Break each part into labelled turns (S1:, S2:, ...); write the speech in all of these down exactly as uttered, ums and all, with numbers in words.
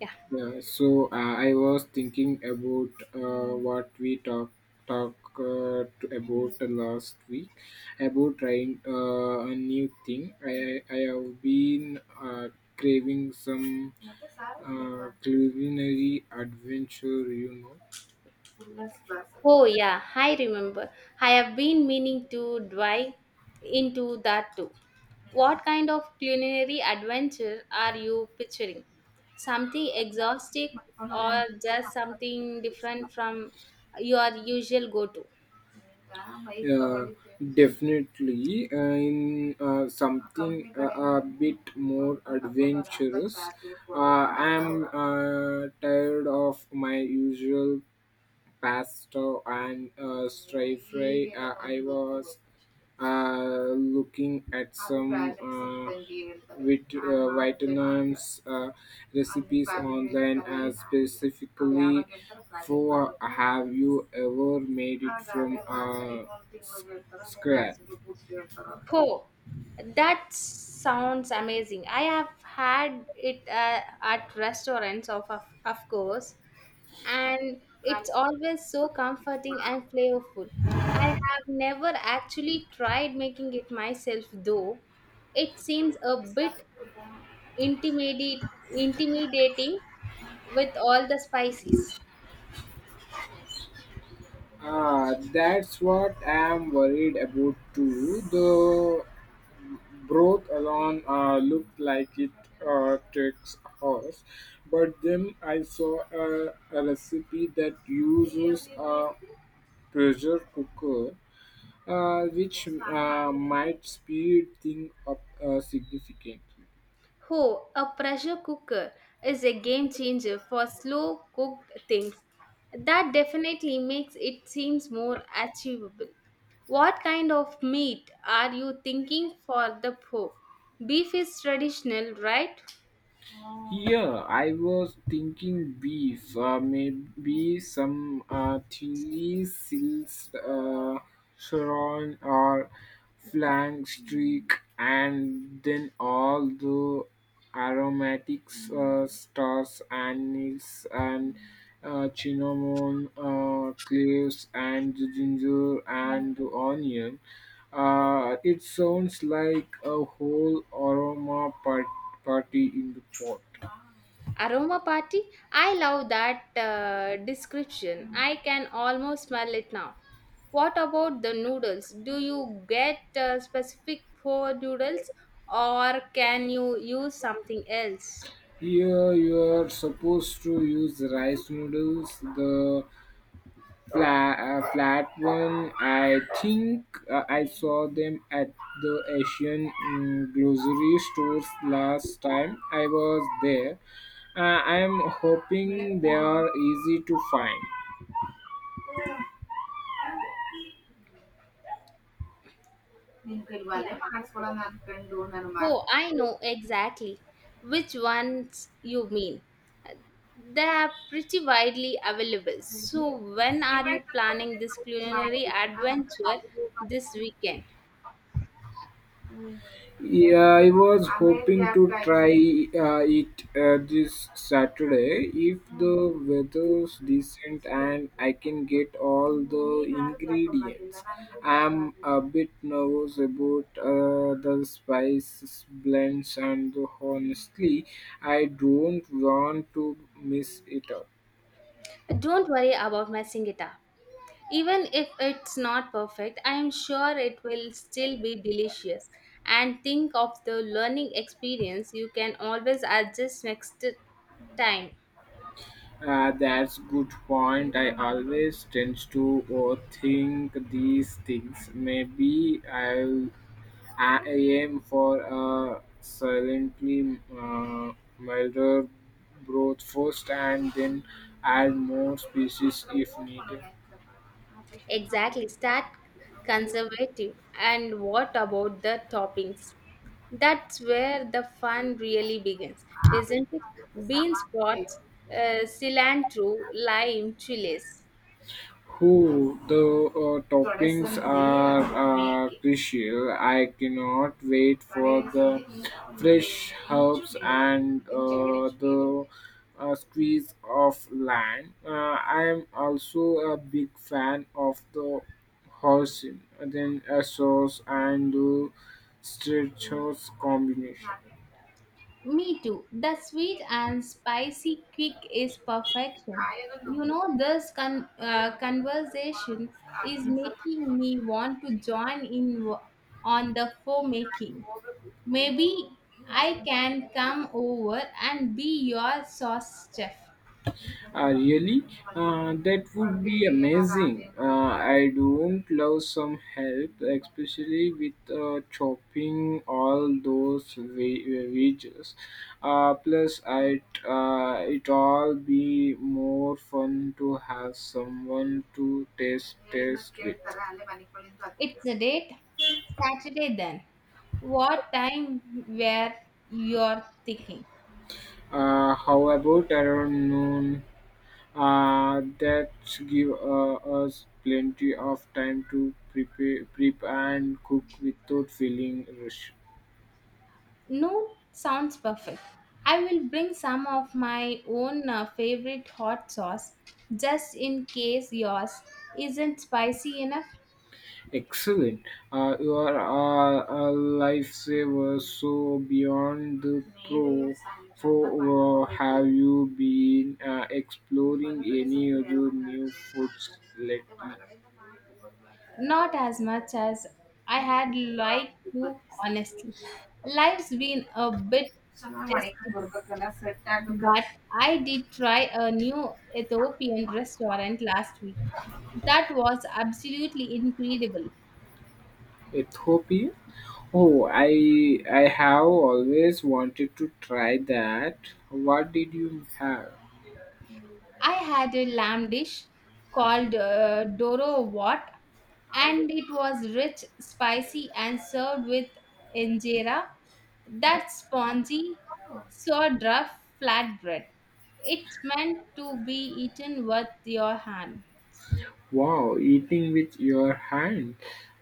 S1: Yeah.
S2: Yeah, so uh, I was thinking about uh, what we talk talk uh, to- about last week about trying uh, a new thing. I I have been uh, craving some uh, culinary adventure, you know.
S1: Oh, yeah, I remember. I have been meaning to dive into that too. What kind of culinary adventure are you picturing? Something exotic, or just something different from your usual go to?
S2: Yeah, definitely. Uh, in uh, something uh, a bit more adventurous. Uh, I am uh, tired of my usual pesto and uh, stir fry. Uh, I was uh, looking at some uh, with uh, vietnam's uh, recipes online, uh, specifically for. Have you ever made it from uh, s- scratch?
S1: Oh, that sounds amazing. I have had it uh, at restaurants, of, of, of course, and it's always so comforting and flavorful. I have never actually tried making it myself though. It seems a bit intimidate, intimidating with all the spices.
S2: Ah, that's what I'm worried about too, though. Broth alone uh, looked like it uh, takes hours, but then I saw a, a recipe that uses a pressure cooker, uh, which uh, might speed things up uh, significantly.
S1: Oh, a pressure cooker is a game changer for slow cooked things. That definitely makes it seems more achievable. What kind of meat are you thinking for the po? Beef is traditional, right?
S2: Yeah, I was thinking beef, uh, maybe some uh, chili sills, uh, sharon or flank streak, and then all the aromatics, uh, stars, anise, and uh, cinnamon, uh, cloves, and ginger and onion. Uh, it sounds like a whole aroma par- party in the pot.
S1: Aroma party? I love that uh, description. I can almost smell it now. What about the noodles? Do you get uh, specific for noodles, or can you use something else?
S2: Here you are supposed to use rice noodles, the flat, uh, flat one. I think uh, I saw them at the Asian mm, grocery stores last time I was there. Uh, I am hoping they are easy to find.
S1: Yeah. Oh, I know exactly which ones you mean. They are pretty widely available. So, when are you planning this culinary adventure this weekend?
S2: Yeah, I was hoping to try uh, it uh, this Saturday if the weather's decent and I can get all the ingredients. I'm a bit nervous about uh, the spices blends and honestly, I don't want to mess it up.
S1: Don't worry about messing it up. Even if it's not perfect, I am sure it will still be delicious. And think of the learning experience, you can always adjust next time.
S2: Uh, that's good point. I always tend to overthink these things. Maybe I'll I aim for a silently uh, milder growth first and then add more species if needed.
S1: Exactly, start conservative. And what about the toppings? That's where the fun really begins, isn't it? Bean sprouts, uh, cilantro, lime, chilies.
S2: Who the uh, toppings are uh, crucial. I cannot wait for the fresh herbs and uh, the uh, squeeze of lime. Uh, I am also a big fan of the hoisin, then a sauce and the straight combination.
S1: Me too. The sweet and spicy kick is perfection. You know, this con- uh, conversation is making me want to join in w- on the faux making. Maybe I can come over and be your sauce chef.
S2: Uh, really? Uh, that would be amazing. Uh, I don't love some help, especially with uh, chopping all those ve- veggies. Uh, plus, it uh, it all be more fun to have someone to taste taste with.
S1: It's a date. Saturday then. What time were you thinking?
S2: Uh, how about around noon? Uh, that give uh, us plenty of time to prepare, prep and cook without feeling rushed.
S1: No, sounds perfect. I will bring some of my own uh, favorite hot sauce just in case yours isn't spicy enough.
S2: Excellent. Uh, you are uh, a lifesaver. So beyond the pro, pro uh, have you been uh, exploring any other new foods lately?
S1: Not as much as I had liked to, honestly. Life's been a bit testy, but I did try a new Ethiopian restaurant last week. That was absolutely incredible.
S2: Ethiopia? Oh, I I have always wanted to try that. What did you have?
S1: I had a lamb dish called uh, Doro Wat, and it was rich, spicy, and served with injera, that spongy, sourdough flatbread. It's meant to be eaten with your hand.
S2: Wow, eating with your hand.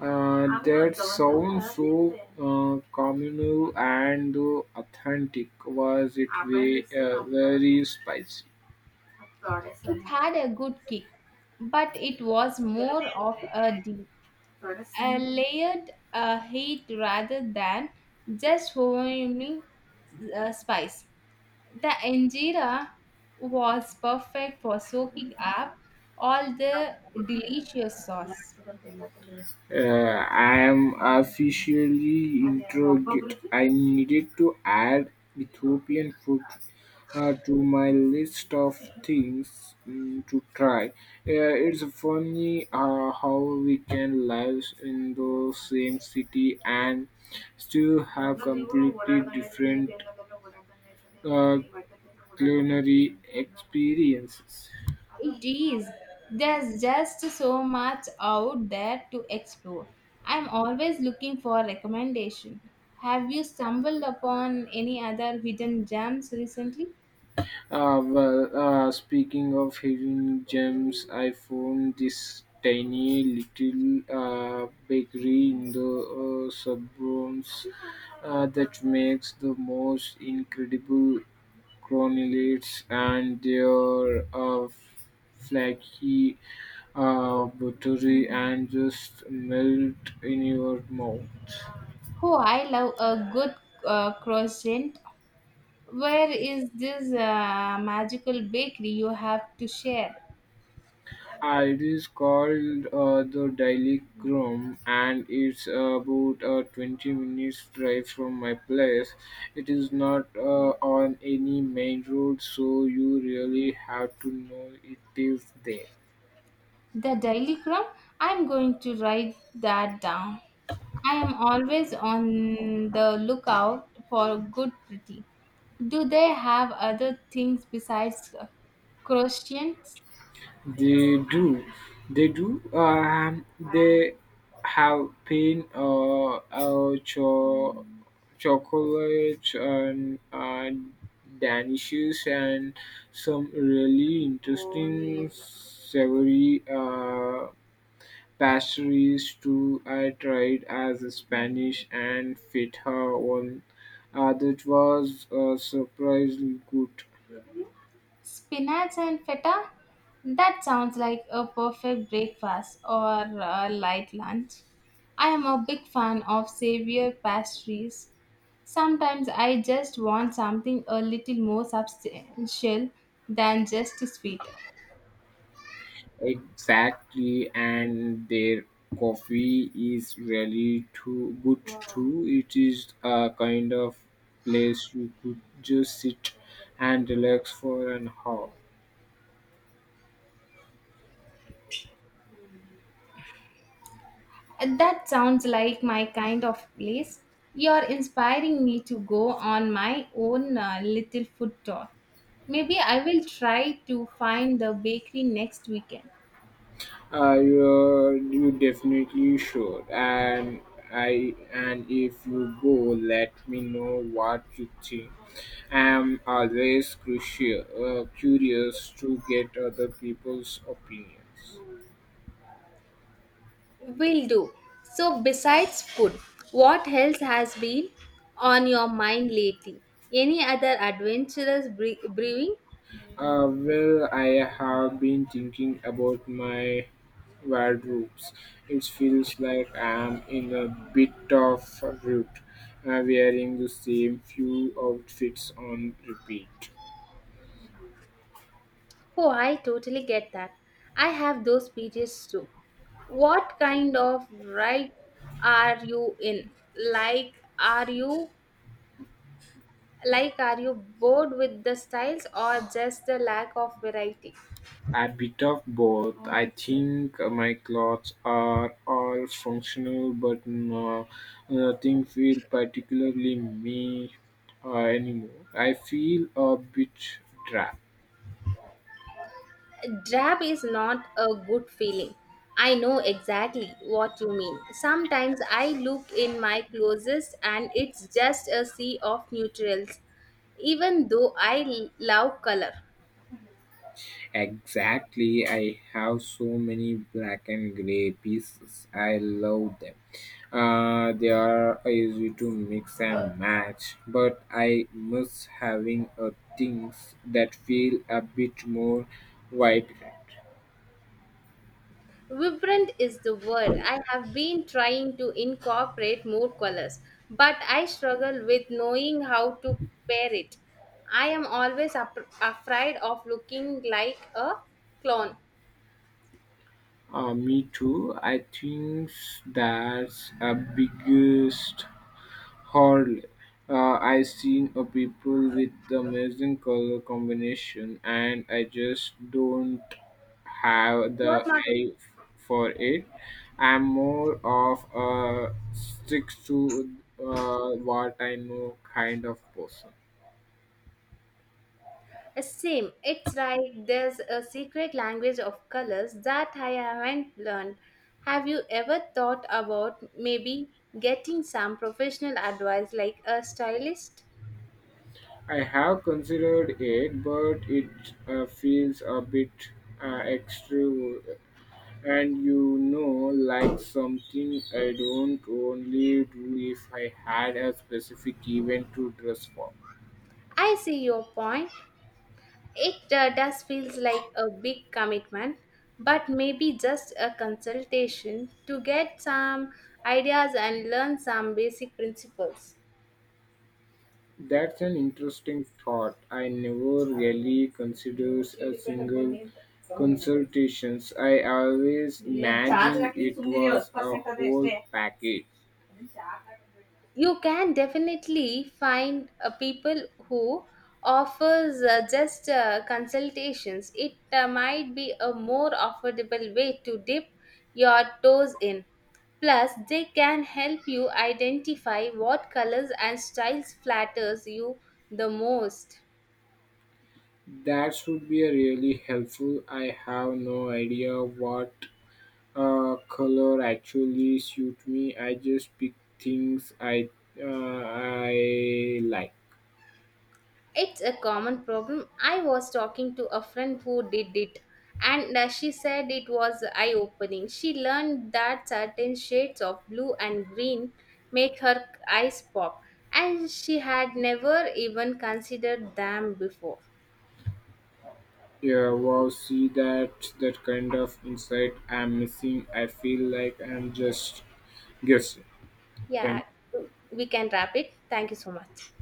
S2: Uh, that sounds so uh, communal and authentic. Was it very, uh, very spicy?
S1: It had a good kick, but it was more of a deep, a layered uh, heat rather than just homemade uh, spice. The injera was perfect for soaking up all the delicious sauce.
S2: Uh, I am officially interrogate. I needed to add Ethiopian food uh, to my list of things mm, to try. Uh, it's funny uh, how we can live in the same city and still have completely different uh, culinary experiences.
S1: It is. There's just so much out there to explore. I'm always looking for recommendation. Have you stumbled upon any other hidden gems recently?
S2: Uh, well, uh, speaking of hidden gems, I found this tiny little uh, bakery in the uh, suburbs uh, that makes the most incredible cronulates and their uh, flaky uh, buttery and just melt in your mouth.
S1: Oh, I love a good uh, croissant. Where is this uh, magical bakery? You have to share.
S2: Uh, it is called uh, the Daily Grum and it's about a twenty minutes drive from my place. It is not uh, on any main road, so you really have to know it is there.
S1: The Daily Crumb, I'm going to write that down. I am always on the lookout for good pretty. Do they have other things besides croissants,
S2: They do, they do. Um, they have pain, uh, uh cho- chocolate and uh, danishes and some really interesting savory uh, pastries too. I tried as a Spanish and feta one. Uh, that was uh, surprisingly good.
S1: spinach, and feta? That sounds like a perfect breakfast or a light lunch. I am a big fan of savory pastries. Sometimes I just want something a little more substantial than just sweet.
S2: Exactly, and their coffee is really too good too. It is a kind of place you could just sit and relax for an hour.
S1: And that sounds like my kind of place. You're inspiring me to go on my own uh, little food tour. Maybe I will try to find the bakery next weekend.
S2: Uh, you're, you definitely should. And I and if you go, let me know what you think. I'm always crucial, uh, curious to get other people's opinions.
S1: Will do. So, besides food, what else has been on your mind lately? Any other adventurous bre- brewing?
S2: Uh, well, I have been thinking about my wardrobes. It feels like I'm in a bit of a rut, uh, wearing the same few outfits on repeat.
S1: Oh, I totally get that. I have those pages too. What kind of ride are you in? Like, are you like are you bored with the styles, or just the lack of variety?
S2: A bit of both. I think my clothes are all functional, but no, nothing feel particularly me uh, anymore. I feel a bit dry.
S1: Drab is not a good feeling. I know exactly what you mean. Sometimes I look in my closest and it's just a sea of neutrals, even though I l- love color.
S2: Exactly, I have so many black and gray pieces. I love them. Uh, they are easy to mix and match, but I miss having uh, things that feel a bit more vibrant.
S1: Vibrant is the word. I have been trying to incorporate more colors, but I struggle with knowing how to pair it. I am always ap- afraid of looking like a clone.
S2: Uh, me too. I think that's a biggest Hardly. Uh, I seen a people with amazing color combination, and I just don't have
S1: What
S2: the
S1: my
S2: eye for it. I'm more of a sticks to uh, what I know kind of person.
S1: uh, same. It's like there's a secret language of colors that I haven't learned. Have you ever thought about maybe getting some professional advice, like a stylist?
S2: I have considered it, but it uh, feels a bit uh, extra And you know, like something I don't only do if I had a specific event to dress for.
S1: I see your point. It uh, does feels like a big commitment, but maybe just a consultation to get some ideas and learn some basic principles.
S2: That's an interesting thought. I never really considers a single consultations. I always imagine it was a whole package.
S1: You can definitely find uh, people who offers uh, just uh, consultations. It uh, might be a more affordable way to dip your toes in. Plus, they can help you identify what colors and styles flatters you the most.
S2: That would be a really helpful. I have no idea what uh, color actually suit me. I just pick things I uh, I like.
S1: It's a common problem. I was talking to a friend who did it, and uh, she said it was eye opening. She learned that certain shades of blue and green make her eyes pop, and she had never even considered them before.
S2: Yeah, wow, see that that kind of insight I'm missing. I feel like I'm just guessing.
S1: Yeah,
S2: Thank
S1: we can wrap it. Thank you so much.